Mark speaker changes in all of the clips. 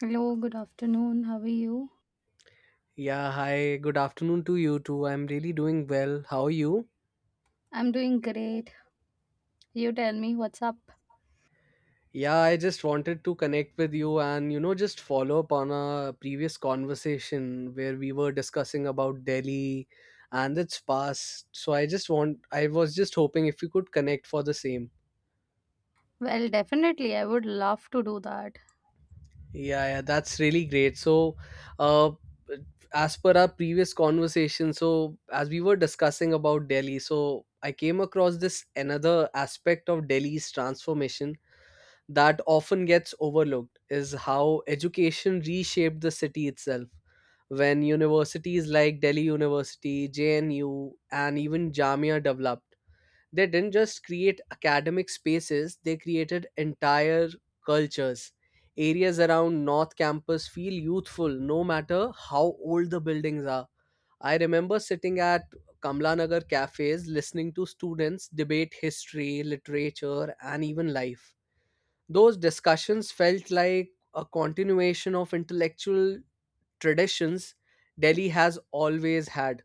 Speaker 1: Hello, good afternoon. How are you?
Speaker 2: Yeah, hi. Good afternoon to you too. I'm really doing well. How are you?
Speaker 1: I'm doing great. You tell me what's up.
Speaker 2: Yeah, I just wanted to connect with you and, just follow up on a previous conversation where we were discussing about Delhi and its past. So I was just hoping if you could connect for the same.
Speaker 1: Well, definitely, I would love to do that.
Speaker 2: Yeah, yeah, that's really great. Uh, as per our previous conversation, so as we were discussing about Delhi, so I came across this another aspect of Delhi's transformation that often gets overlooked is how education reshaped the city itself. When universities like Delhi University, JNU, and even Jamia developed, they didn't just create academic spaces, they created entire cultures. Areas around North Campus feel youthful no matter how old the buildings are. I remember sitting at Kamlanagar cafes listening to students debate history, literature, and even life, those discussions felt like a continuation of intellectual traditions Delhi has always had,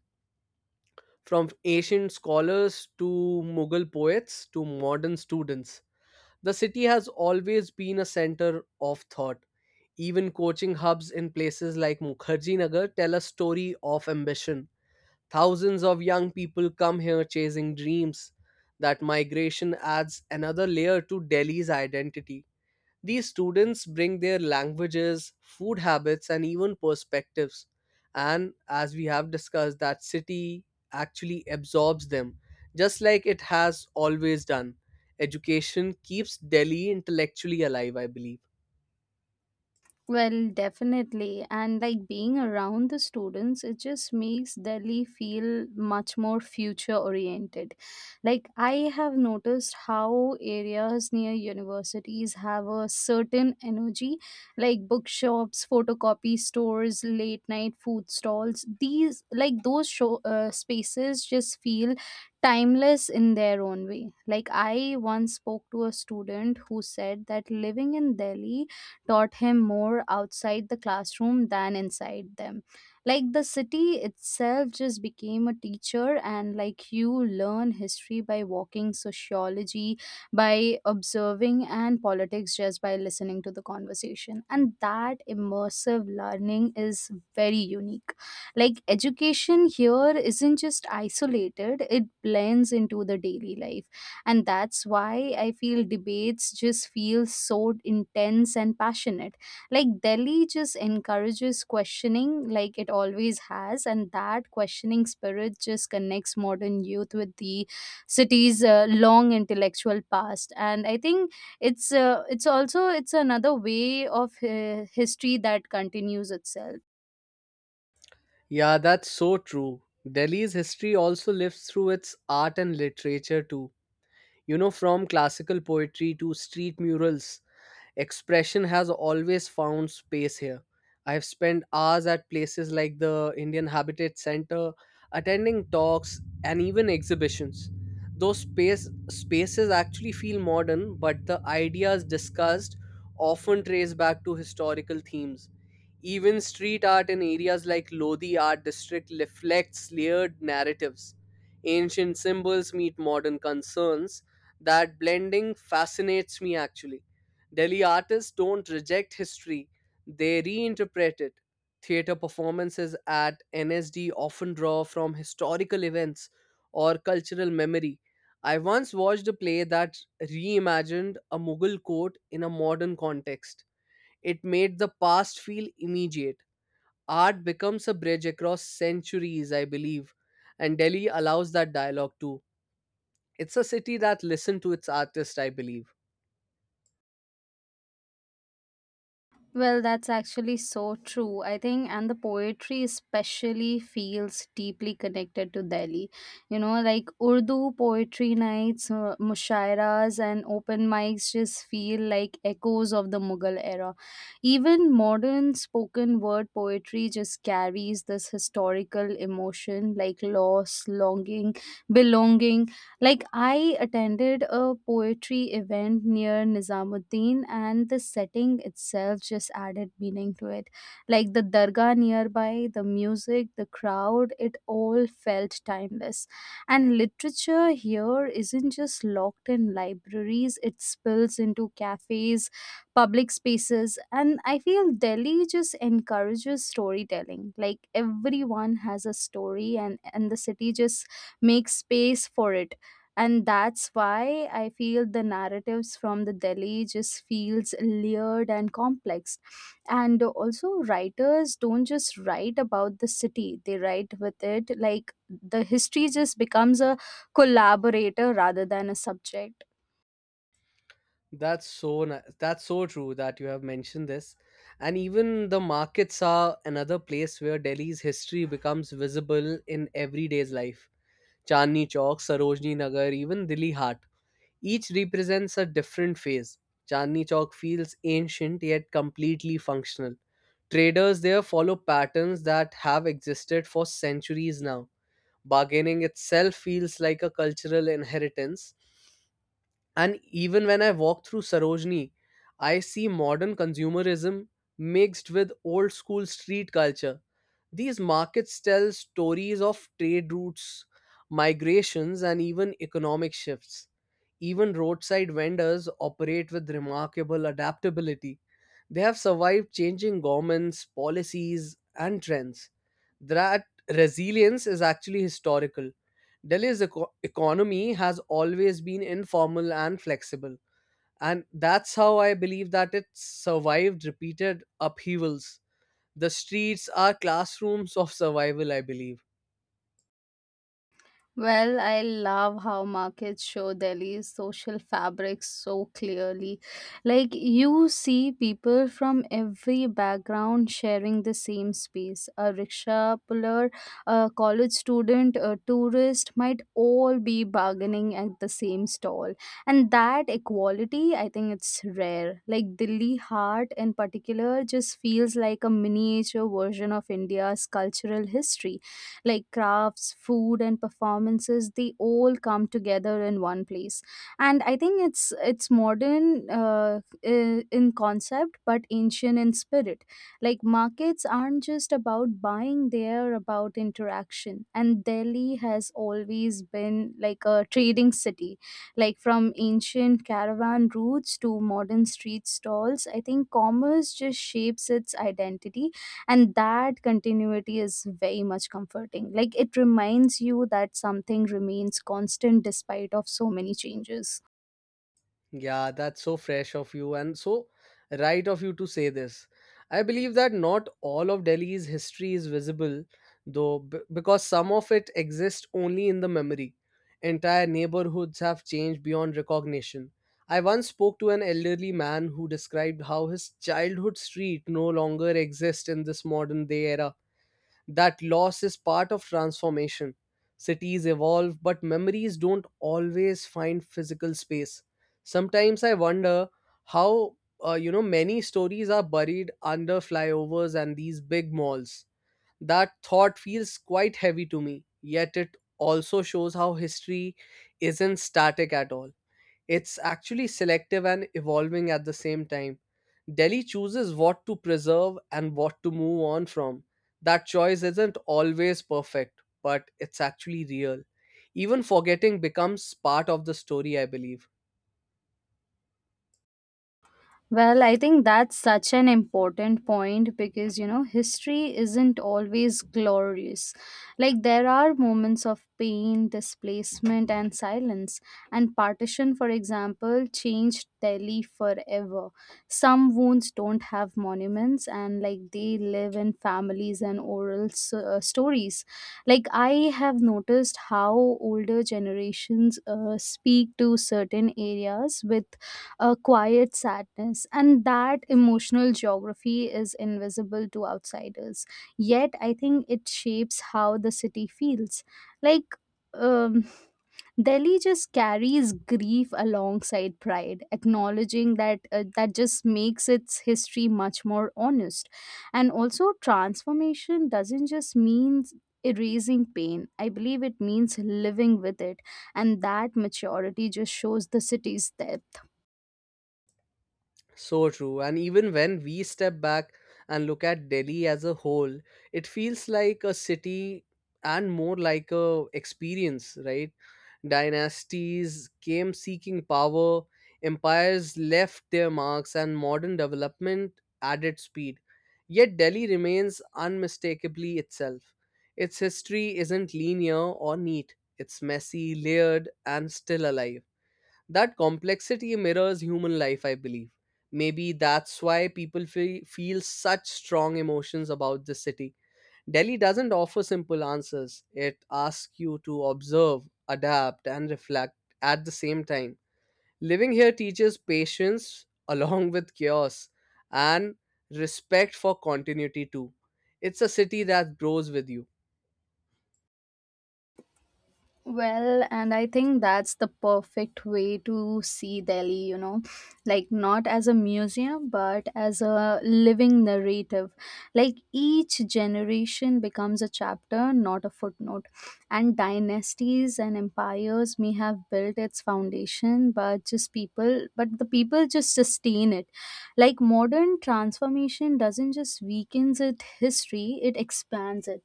Speaker 2: from ancient scholars to Mughal poets to modern students. The city has always been a center of thought. Even coaching hubs in places like Mukherjee Nagar tell a story of ambition. Thousands of young people come here chasing dreams. That migration adds another layer to Delhi's identity, these students bring their languages, food habits, and even perspectives. And as we have discussed, that city actually absorbs them, just like it has always done. Education keeps Delhi intellectually alive, I believe.
Speaker 1: Well, definitely. And like being around the students, it just makes Delhi feel much more future oriented. Like I have noticed how areas near universities have a certain energy, like bookshops, photocopy stores, late night food stalls. These, like those show, Spaces just feel timeless in their own way. Like I once spoke to a student who said that living in Delhi taught him more outside the classroom than inside them. Like the city itself just became a teacher, and like you learn history by walking, sociology by observing, and politics just by listening to the conversation. And that immersive learning is very unique. Like education here isn't just isolated, it blends into the daily life, and that's why I feel debates just feel so intense and passionate. Like Delhi just encourages questioning, like it always has, and that questioning spirit just connects modern youth with the city's long intellectual past. And I think it's another way of history that continues itself.
Speaker 2: Yeah, that's so true. Delhi's history also lives through its art and literature too. You know, from classical poetry to street murals, expression has always found space here. I have spent hours at places like the Indian Habitat Center, attending talks and even exhibitions. Those spaces actually feel modern, but the ideas discussed often trace back to historical themes. Even street art in areas like Lodi Art District reflects layered narratives. Ancient symbols meet modern concerns. That blending fascinates me actually. Delhi artists don't reject history, they reinterpret it. Theatre performances at NSD often draw from historical events or cultural memory. I once watched a play that reimagined a Mughal court in a modern context. It made the past feel immediate. Art becomes a bridge across centuries, I believe, and Delhi allows that dialogue too. It's a city that listens to its artists, I believe.
Speaker 1: Well, that's actually so true. I think, and the poetry especially feels deeply connected to Delhi. You know, like Urdu poetry nights, mushairas, and open mics just feel like echoes of the Mughal era. Even modern spoken word poetry just carries this historical emotion like loss, longing, belonging. Like, I attended a poetry event near Nizamuddin, and the setting itself just added meaning to it. Like, the dargah nearby, the music, the crowd, it all felt timeless. And literature here isn't just locked in libraries, it spills into cafes, public spaces, and I feel Delhi just encourages storytelling. Like, everyone has a story, and the city just makes space for it, and that's why I feel the narratives from the Delhi just feels layered and complex. And also writers don't just write about the city, they write with it. Like the history just becomes a collaborator rather than a subject.
Speaker 2: That's so true that you have mentioned this. And even the markets are another place where Delhi's history becomes visible in everyday's life. Chandni Chowk, Sarojini Nagar, even Dilli Hat. Each represents a different phase. Chandni Chowk feels ancient yet completely functional. Traders there follow patterns that have existed for centuries now. Bargaining itself feels like a cultural inheritance, and even when I walk through Sarojini, I see modern consumerism mixed with old school street culture. These markets tell stories of trade routes, migrations, and even economic shifts. Even roadside vendors operate with remarkable adaptability. They have survived changing governments, policies, and trends. That resilience is actually historical. Delhi's economy has always been informal and flexible. And that's how I believe that it survived repeated upheavals. The streets are classrooms of survival, I believe.
Speaker 1: Well, I love how markets show Delhi's social fabric so clearly. Like, you see people from every background sharing the same space. A rickshaw puller, a college student, a tourist might all be bargaining at the same stall. And that equality, I think it's rare. Like, Delhi Heart in particular just feels like a miniature version of India's cultural history, like crafts, food, and performances. They all come together in one place, and I think it's modern in concept but ancient in spirit. Like markets aren't just about buying; they're about interaction. And Delhi has always been like a trading city, like from ancient caravan routes to modern street stalls. I think commerce just shapes its identity, and that continuity is very much comforting. Like it reminds you that something remains constant despite of so many changes.
Speaker 2: Yeah, that's so fresh of you and so right of you to say this. I believe that not all of Delhi's history is visible, though, because some of it exists only in the memory. Entire neighborhoods have changed beyond recognition. I once spoke to an elderly man who described how his childhood street no longer exists in this modern day era, that loss is part of transformation. Cities evolve, but memories don't always find physical space. Sometimes I wonder how many stories are buried under flyovers and these big malls. That thought feels quite heavy to me, yet it also shows how history isn't static at all. It's actually selective and evolving at the same time. Delhi chooses what to preserve and what to move on from. That choice isn't always perfect, but it's actually real. Even forgetting becomes part of the story, I believe.
Speaker 1: Well, I think that's such an important point because, you know, history isn't always glorious. Like, there are moments of pain, displacement, and silence. And partition, for example, changed Delhi forever. Some wounds don't have monuments, and, like, they live in families and oral stories. Like, I have noticed how older generations speak to certain areas with a quiet sadness, and that emotional geography is invisible to outsiders. Yet, I think it shapes how the city feels. Like, um, Delhi just carries grief alongside pride, acknowledging that just makes its history much more honest. And also, transformation doesn't just mean erasing pain. I believe it means living with it, and that maturity just shows the city's depth.
Speaker 2: So true. And even when we step back and look at Delhi as a whole, it feels like a city and more like a experience, right? Dynasties came seeking power, empires left their marks, and modern development added speed. Yet Delhi remains unmistakably itself. Its history isn't linear or neat. It's messy, layered, and still alive. That complexity mirrors human life, I believe. Maybe that's why people feel such strong emotions about the city. Delhi doesn't offer simple answers, it asks you to observe, adapt, and reflect at the same time. Living here teaches patience along with chaos and respect for continuity, too. It's a city that grows with you.
Speaker 1: Well, and I think that's the perfect way to see Delhi, you know, like not as a museum, but as a living narrative. Like each generation becomes a chapter, not a footnote. And dynasties and empires may have built its foundation, but the people just sustain it. Like modern transformation doesn't just weakens its history, it expands it,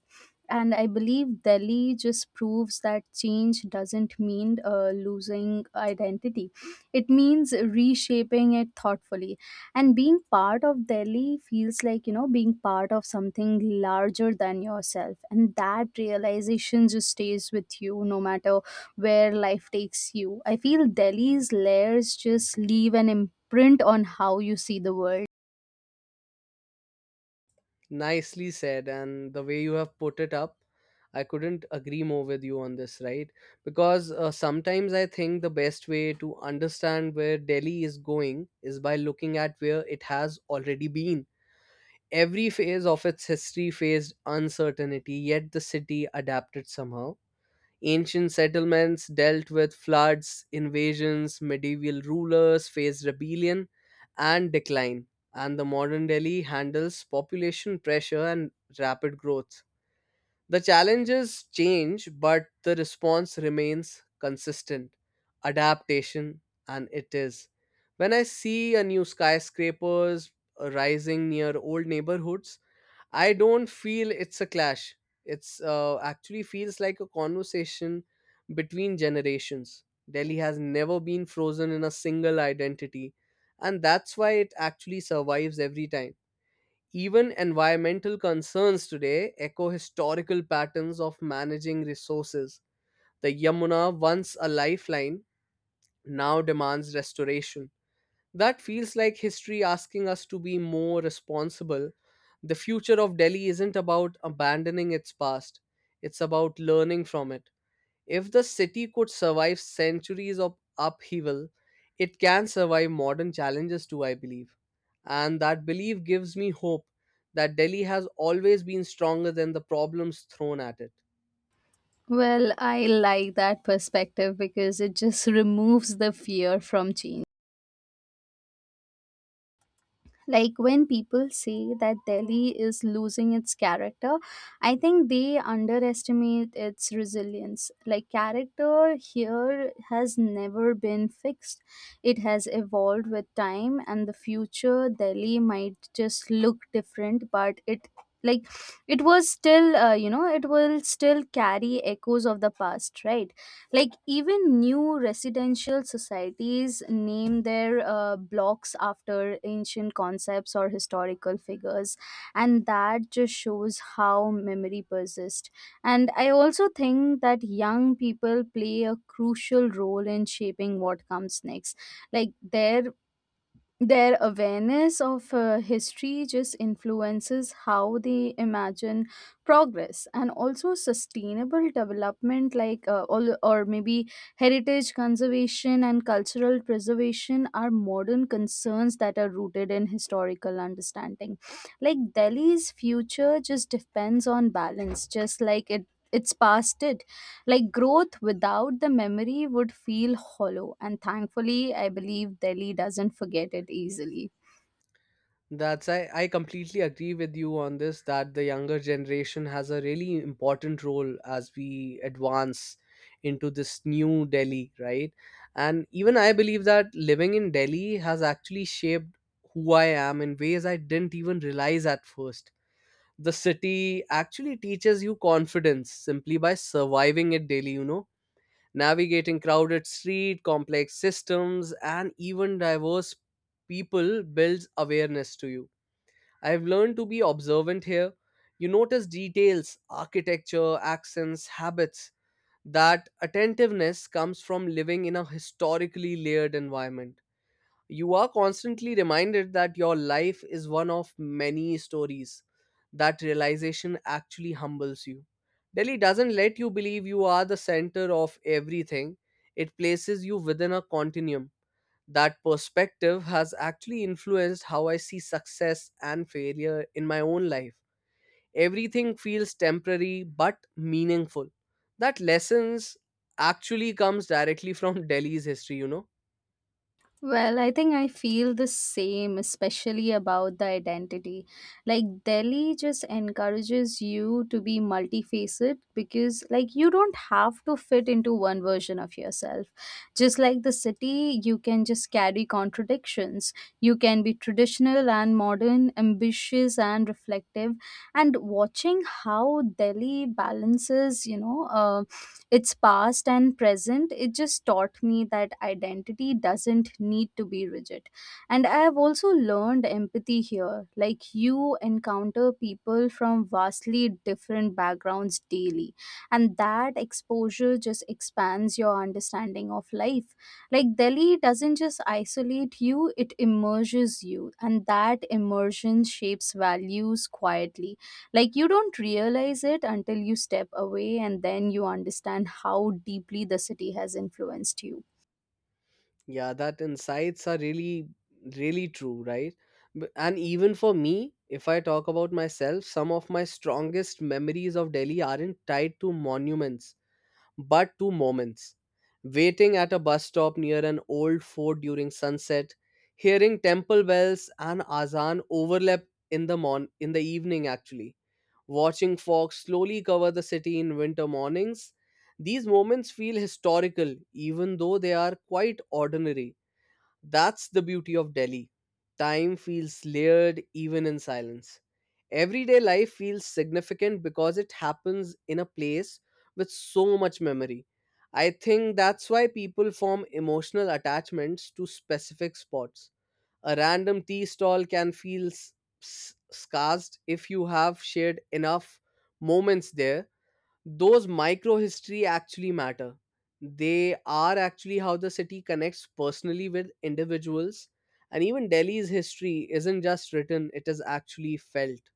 Speaker 1: and I believe Delhi just proves that change doesn't mean losing identity. It means reshaping it thoughtfully. And being part of Delhi feels like, you know, being part of something larger than yourself. And that realization just stays with you no matter where life takes you. I feel Delhi's layers just leave an imprint on how you see the world.
Speaker 2: Nicely said, and the way you have put it up, I couldn't agree more with you on this, right? Because sometimes I think the best way to understand where Delhi is going is by looking at where it has already been. Every phase of its history faced uncertainty, yet the city adapted somehow. Ancient settlements dealt with floods, invasions, medieval rulers faced rebellion and decline, and the modern Delhi handles population pressure and rapid growth. The challenges change, but the response remains consistent adaptation, and it is. When I see a new skyscrapers rising near old neighborhoods, I don't feel it's a clash. It's actually feels like a conversation between generations. Delhi has never been frozen in a single identity, and that's why it actually survives every time. Even environmental concerns today echo historical patterns of managing resources. The Yamuna, once a lifeline, now demands restoration. That feels like history asking us to be more responsible. The future of Delhi isn't about abandoning its past, it's about learning from it. If the city could survive centuries of upheaval, it can survive modern challenges too, I believe. And that belief gives me hope that Delhi has always been stronger than the problems thrown at it.
Speaker 1: Well, I like that perspective because it just removes the fear from change. Like when people say that Delhi is losing its character, I think they underestimate its resilience. Like, character here has never been fixed, it has evolved with time, and the future Delhi might just look different, but like it was still you know it will still carry echoes of the past, right? Like even new residential societies name their blocks after ancient concepts or historical figures, and that just shows how memory persists. And I also think that young people play a crucial role in shaping what comes next. Like their awareness of history just influences how they imagine progress, and also sustainable development. Like uh, all, or maybe heritage conservation and cultural preservation are modern concerns that are rooted in historical understanding. Like Delhi's future just depends on balance, just like it its past did. Like growth without the memory would feel hollow, and thankfully, I believe Delhi doesn't forget it easily.
Speaker 2: I completely agree with you on this that the younger generation has a really important role as we advance into this new Delhi, right? And even I believe that living in Delhi has actually shaped who I am in ways I didn't even realize at first. The city actually teaches you confidence simply by surviving it daily, you know, navigating crowded street, complex systems, and even diverse people builds awareness to you. I've learned to be observant here. You notice details, architecture, accents, habits. That attentiveness comes from living in a historically layered environment. You are constantly reminded that your life is one of many stories. That realization actually humbles you. Delhi doesn't let you believe you are the center of everything, it places you within a continuum. That perspective has actually influenced how I see success and failure in my own life. Everything feels temporary but meaningful. That lessons actually comes directly from Delhi's history, you know.
Speaker 1: Well, I think I feel the same, especially about the identity. Like, Delhi just encourages you to be multifaceted because, like, you don't have to fit into one version of yourself. Just like the city, you can just carry contradictions. You can be traditional and modern, ambitious and reflective. And watching how Delhi balances, its past and present, it just taught me that identity doesn't need to be rigid. And I have also learned empathy here. Like you encounter people from vastly different backgrounds daily, and that exposure just expands your understanding of life. Like Delhi doesn't just isolate you, it immerses you, and that immersion shapes values quietly. Like you don't realize it until you step away, and then you understand how deeply the city has influenced you.
Speaker 2: Yeah, that insights are really true, right? And even for me, if I talk about myself, some of my strongest memories of Delhi aren't tied to monuments but two moments, waiting at a bus stop near an old fort during sunset, hearing temple bells and azan overlap in the evening actually, watching fog slowly cover the city in winter mornings, these moments feel historical even though they are quite ordinary, that's the beauty of Delhi. Time feels layered even in silence. Everyday life feels significant because it happens in a place with so much memory. I think that's why people form emotional attachments to specific spots. A random tea stall can feel scarced if you have shared enough moments there, those micro history actually matter, they are actually how the city connects personally with individuals, and even Delhi's history isn't just written, it is actually felt.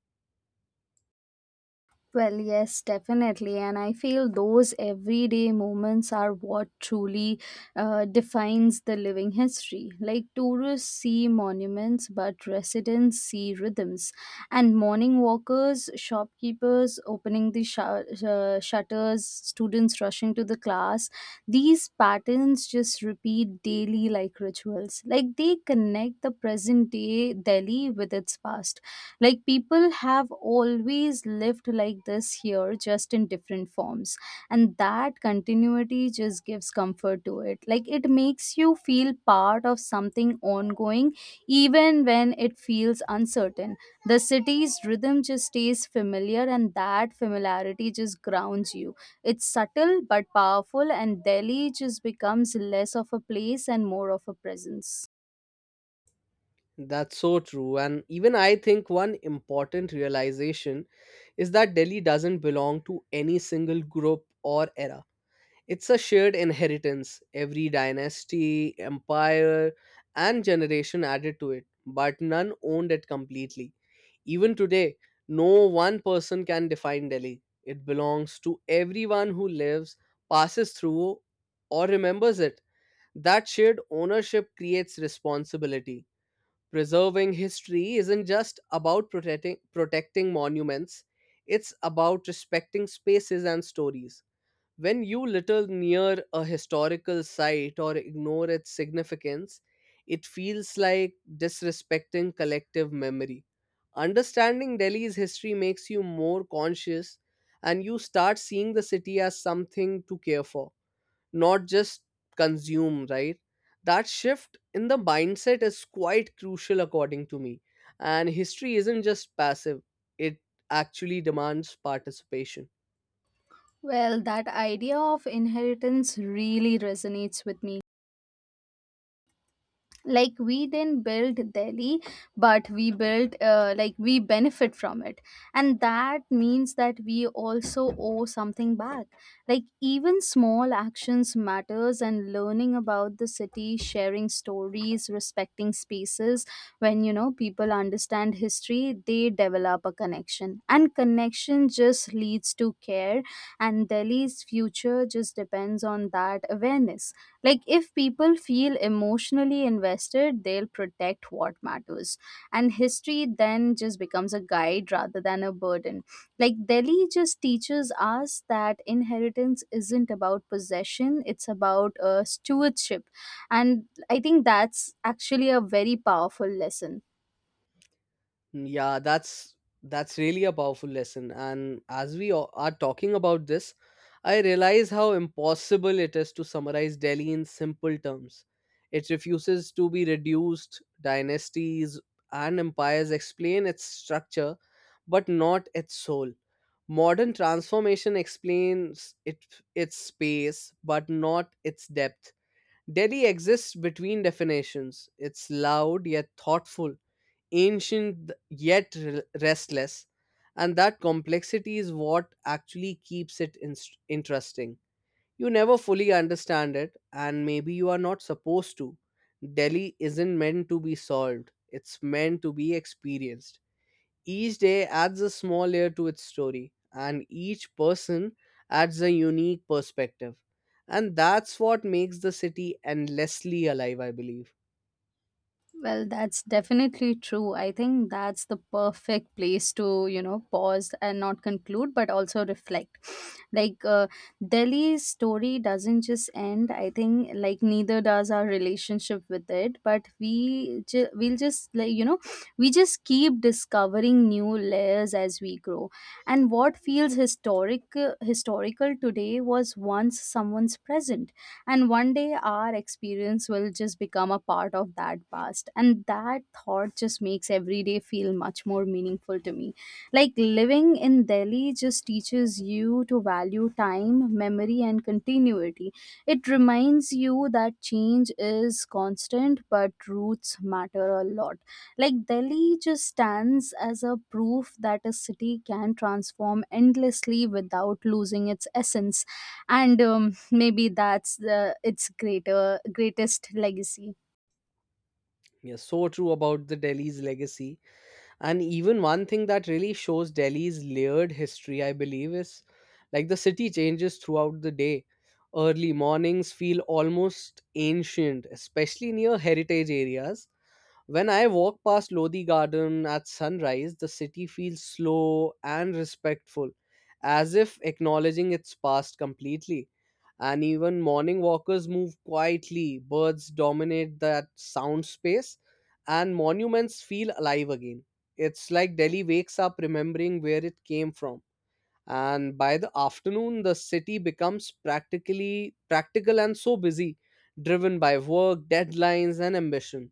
Speaker 1: Well, yes, definitely. And I feel those everyday moments are what truly defines the living history. Like tourists see monuments, but residents see rhythms. And morning walkers, shopkeepers opening the shutters, students rushing to the class, these patterns just repeat daily like rituals. Like they connect the present day Delhi with its past. Like people have always lived like this here, just in different forms. And that continuity just gives comfort to it. Like it makes you feel part of something ongoing, even when it feels uncertain. The city's rhythm just stays familiar, and that familiarity just grounds you. It's subtle but powerful, and Delhi just becomes less of a place and more of a presence.
Speaker 2: That's so true, and even I think one important realization is that Delhi doesn't belong to any single group or era. It's a shared inheritance, every dynasty, empire, and generation added to it, but none owned it completely. Even today, no one person can define Delhi. It belongs to everyone who lives, passes through, or remembers it. That shared ownership creates responsibility. Preserving history isn't just about protecting monuments, it's about respecting spaces and stories. When you little near a historical site or ignore its significance, it feels like disrespecting collective memory. Understanding Delhi's history makes you more conscious and you start seeing the city as something to care for, not just consume, right? That shift in the mindset is quite crucial, according to me. And history isn't just passive, it actually demands participation.
Speaker 1: Well, that idea of inheritance really resonates with me. Like we didn't build Delhi, but we built like we benefit from it, and that means that we also owe something back. Like even small actions matters, and learning about the city, sharing stories, respecting spaces. When you know people understand history, they develop a connection, and connection just leads to care. And Delhi's future just depends on that awareness. Like if people feel emotionally invested, they'll protect what matters, and history then just becomes a guide rather than a burden. Like Delhi just teaches us that inheritance isn't about possession, it's about stewardship. And I think that's actually a very powerful lesson.
Speaker 2: Mm, yeah, that's really a powerful lesson. And as are talking about this, I realize how impossible it is to summarize Delhi in simple terms. It refuses to be reduced. Dynasties and empires explain its structure, but not its soul. Modern transformation explains it, its space, but not its depth. Delhi exists between definitions. It's loud yet thoughtful ancient yet restless, and that complexity is what actually keeps it interesting. You never fully understand it, and maybe you are not supposed to. Delhi isn't meant to be solved, it's meant to be experienced. Each day adds a small layer to its story, and each person adds a unique perspective. And that's what makes the city endlessly alive, I believe.
Speaker 1: Well, that's definitely true. I think that's the perfect place to, you know, pause and not conclude, but also reflect. Like, uh, Delhi's story doesn't just end. I think, like, neither does our relationship with it. But we'll just, like, you know, we just keep discovering new layers as we grow. And what feels historical today was once someone's present, and one day our experience will just become a part of that past. And that thought just makes every day feel much more meaningful to me. Like living in Delhi just teaches you to value time, memory and continuity. It reminds you that change is constant but roots matter a lot. Like Delhi just stands as a proof that a city can transform endlessly without losing its essence. And maybe that's the its greater greatest legacy.
Speaker 2: Yeah, so true about the Delhi's legacy. And even one thing that really shows Delhi's layered history, I believe, is like the city changes throughout the day. Early mornings feel almost ancient, especially near heritage areas. When I walk past Lodi Garden at sunrise, the city feels slow and respectful, as if acknowledging its past completely. And even morning walkers move quietly, birds dominate that sound space, and monuments feel alive again. It's like Delhi wakes up remembering where it came from, and by the afternoon the city becomes practically practical and so busy, driven by work deadlines and ambition.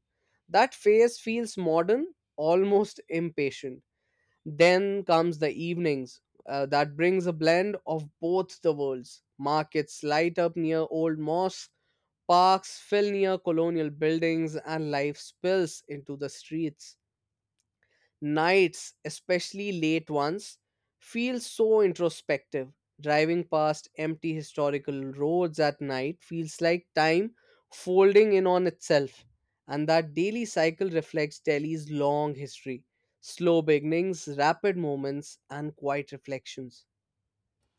Speaker 2: That phase feels modern, almost impatient. Then comes the evenings, that brings a blend of both the worlds. Markets light up near old mosques, parks fill near colonial buildings, and life spills into the streets. Nights, especially late ones, feel so introspective. Driving past empty historical roads at night feels like time folding in on itself. And that daily cycle reflects Delhi's long history: slow beginnings, rapid moments, and quiet reflections.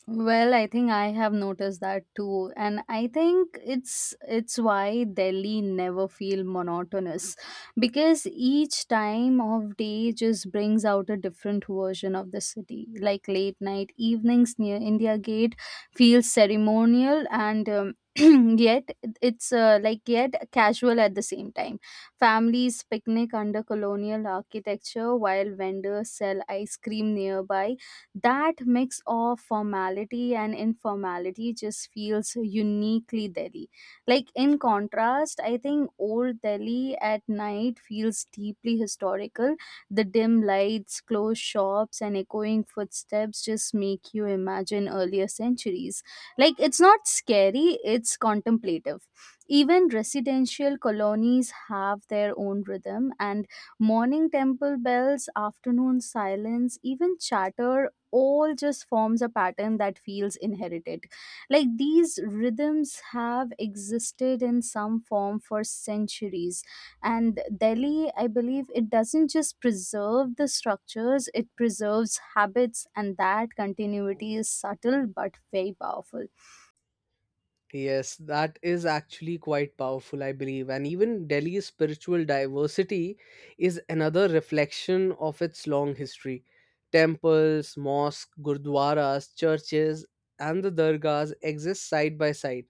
Speaker 1: Well, I think I have noticed that too, and I think it's why Delhi never feel monotonous because each time of day just brings out a different version of the city. Like late night evenings near India Gate feels ceremonial and yet it's like yet casual at the same time. Families picnic under colonial architecture while vendors sell ice cream nearby. That mix of formality and informality just feels uniquely Delhi. Like, in contrast, I think old Delhi at night feels deeply historical. The dim lights, closed shops, and echoing footsteps just make you imagine earlier centuries. Like, it's not scary, it's contemplative. Even residential colonies have their own rhythm, and morning temple bells, afternoon silence, even chatter, all just forms a pattern that feels inherited. Like these rhythms have existed in some form for centuries. And Delhi, I believe, it doesn't just preserve the structures, it preserves habits, and that continuity is subtle but very powerful.
Speaker 2: Yes, that is actually quite powerful, I believe. And even Delhi's spiritual diversity is another reflection of its long history. Temples, mosques, gurdwaras, churches, and the dargahs exist side by side.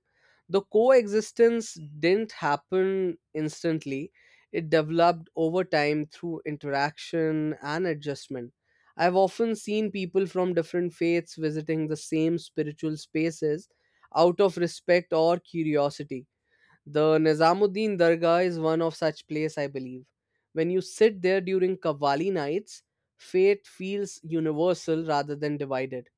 Speaker 2: The coexistence didn't happen instantly, it developed over time through interaction and adjustment. I've often seen people from different faiths visiting the same spiritual spaces out of respect or curiosity. The Nizamuddin Dargah is one of such place, I believe. When you sit there during Qawwali nights, faith feels universal rather than divided.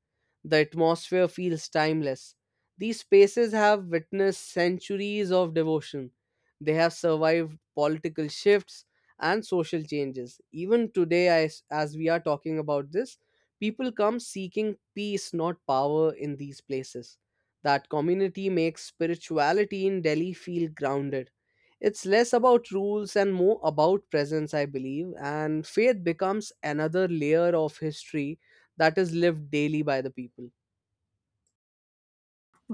Speaker 2: The atmosphere feels timeless. These spaces have witnessed centuries of devotion. They have survived political shifts and social changes. Even today, as we are talking about this, people come seeking peace, not power, in these places. That community makes spirituality in Delhi feel grounded. It's less about rules and more about presence, I believe, and faith becomes another layer of history that is lived daily by the people.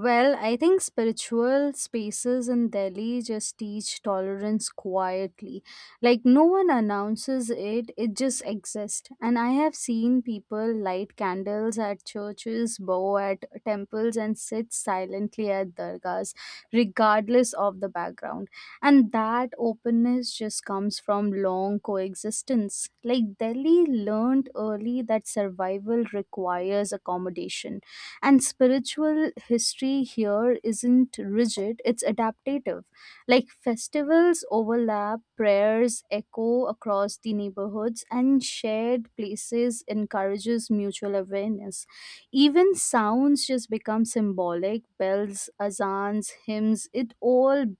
Speaker 1: Well, I think spiritual spaces in Delhi just teach tolerance quietly. Like, no one announces it, it just exists. And I have seen people light candles at churches, bow at temples, and sit silently at dargahs, regardless of the background. And that openness just comes from long coexistence. Like, Delhi learned early that survival requires accommodation, and spiritual history here isn't rigid, it's adaptative. Like festivals overlap, prayers echo across the neighborhoods, and shared places encourages mutual awareness. Even sounds just become symbolic: bells, azans, hymns, it all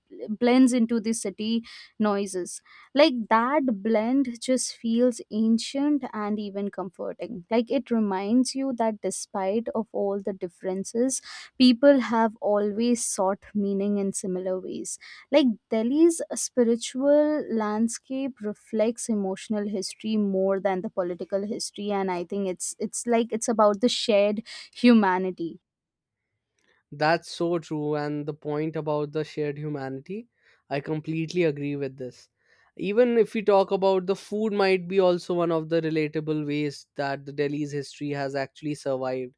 Speaker 1: blends into the city noises. Like that blend just feels ancient and even comforting. Like it reminds you that despite of all the differences, people have always sought meaning in similar ways. Like Delhi's spiritual landscape reflects emotional history more than the political history, and I think it's about the shared humanity.
Speaker 2: That's so true. And the point about the shared humanity, I completely agree with this. Even if we talk about the food, might be also one of the relatable ways that the Delhi's history has actually survived.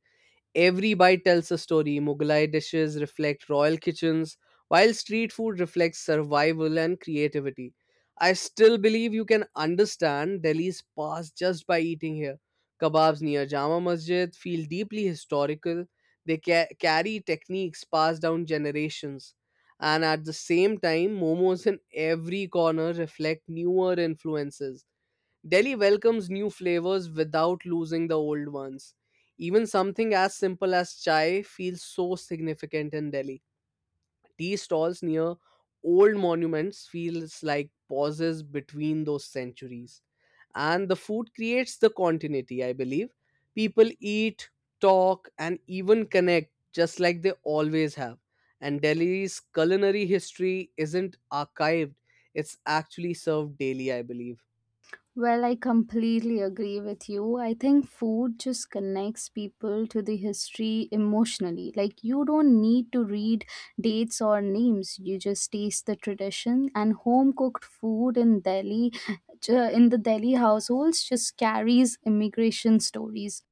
Speaker 2: Every bite tells a story. Mughlai dishes reflect royal kitchens, while street food reflects survival and creativity. I still believe you can understand Delhi's past just by eating here. Kebabs near Jama Masjid feel deeply historical. They carry techniques passed down generations. And at the same time, momos in every corner reflect newer influences. Delhi welcomes new flavors without losing the old ones. Even something as simple as chai feels so significant in Delhi. Tea stalls near old monuments feels like pauses between those centuries. And the food creates the continuity, I believe. People eat, talk, and even connect just like they always have. And Delhi's culinary history isn't archived, it's actually served daily, I believe.
Speaker 1: Well, I completely agree with you. I think food just connects people to the history emotionally. Like, you don't need to read dates or names, you just taste the tradition. And home cooked food in Delhi, in the Delhi households, just carries immigration stories.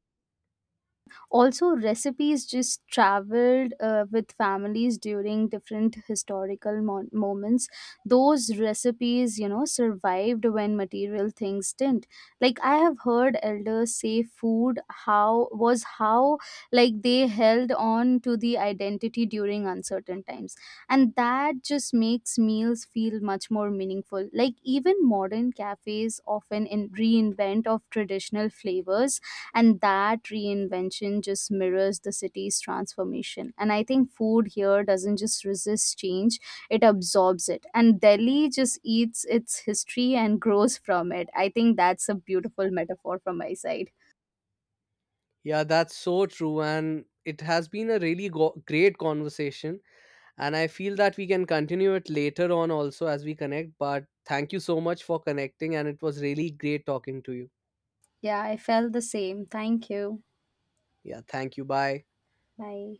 Speaker 1: Also recipes just traveled with families during different historical moments. Those recipes, you know, survived when material things didn't. Like I have heard elders say food how was how like they held on to the identity during uncertain times. And that just makes meals feel much more meaningful. Like even modern cafes often in reinvent of traditional flavors, and that reinvention just mirrors the city's transformation. And I think food here doesn't just resist change, it absorbs it, and Delhi just eats its history and grows from it. I think that's a beautiful metaphor from my side.
Speaker 2: Yeah, that's so true. And it has been a really great conversation. And I feel that we can continue it later on also as we connect. But thank you so much for connecting. And it was really great talking to you.
Speaker 1: Yeah, I felt the same, thank you.
Speaker 2: Yeah, thank you. Bye.
Speaker 1: Bye.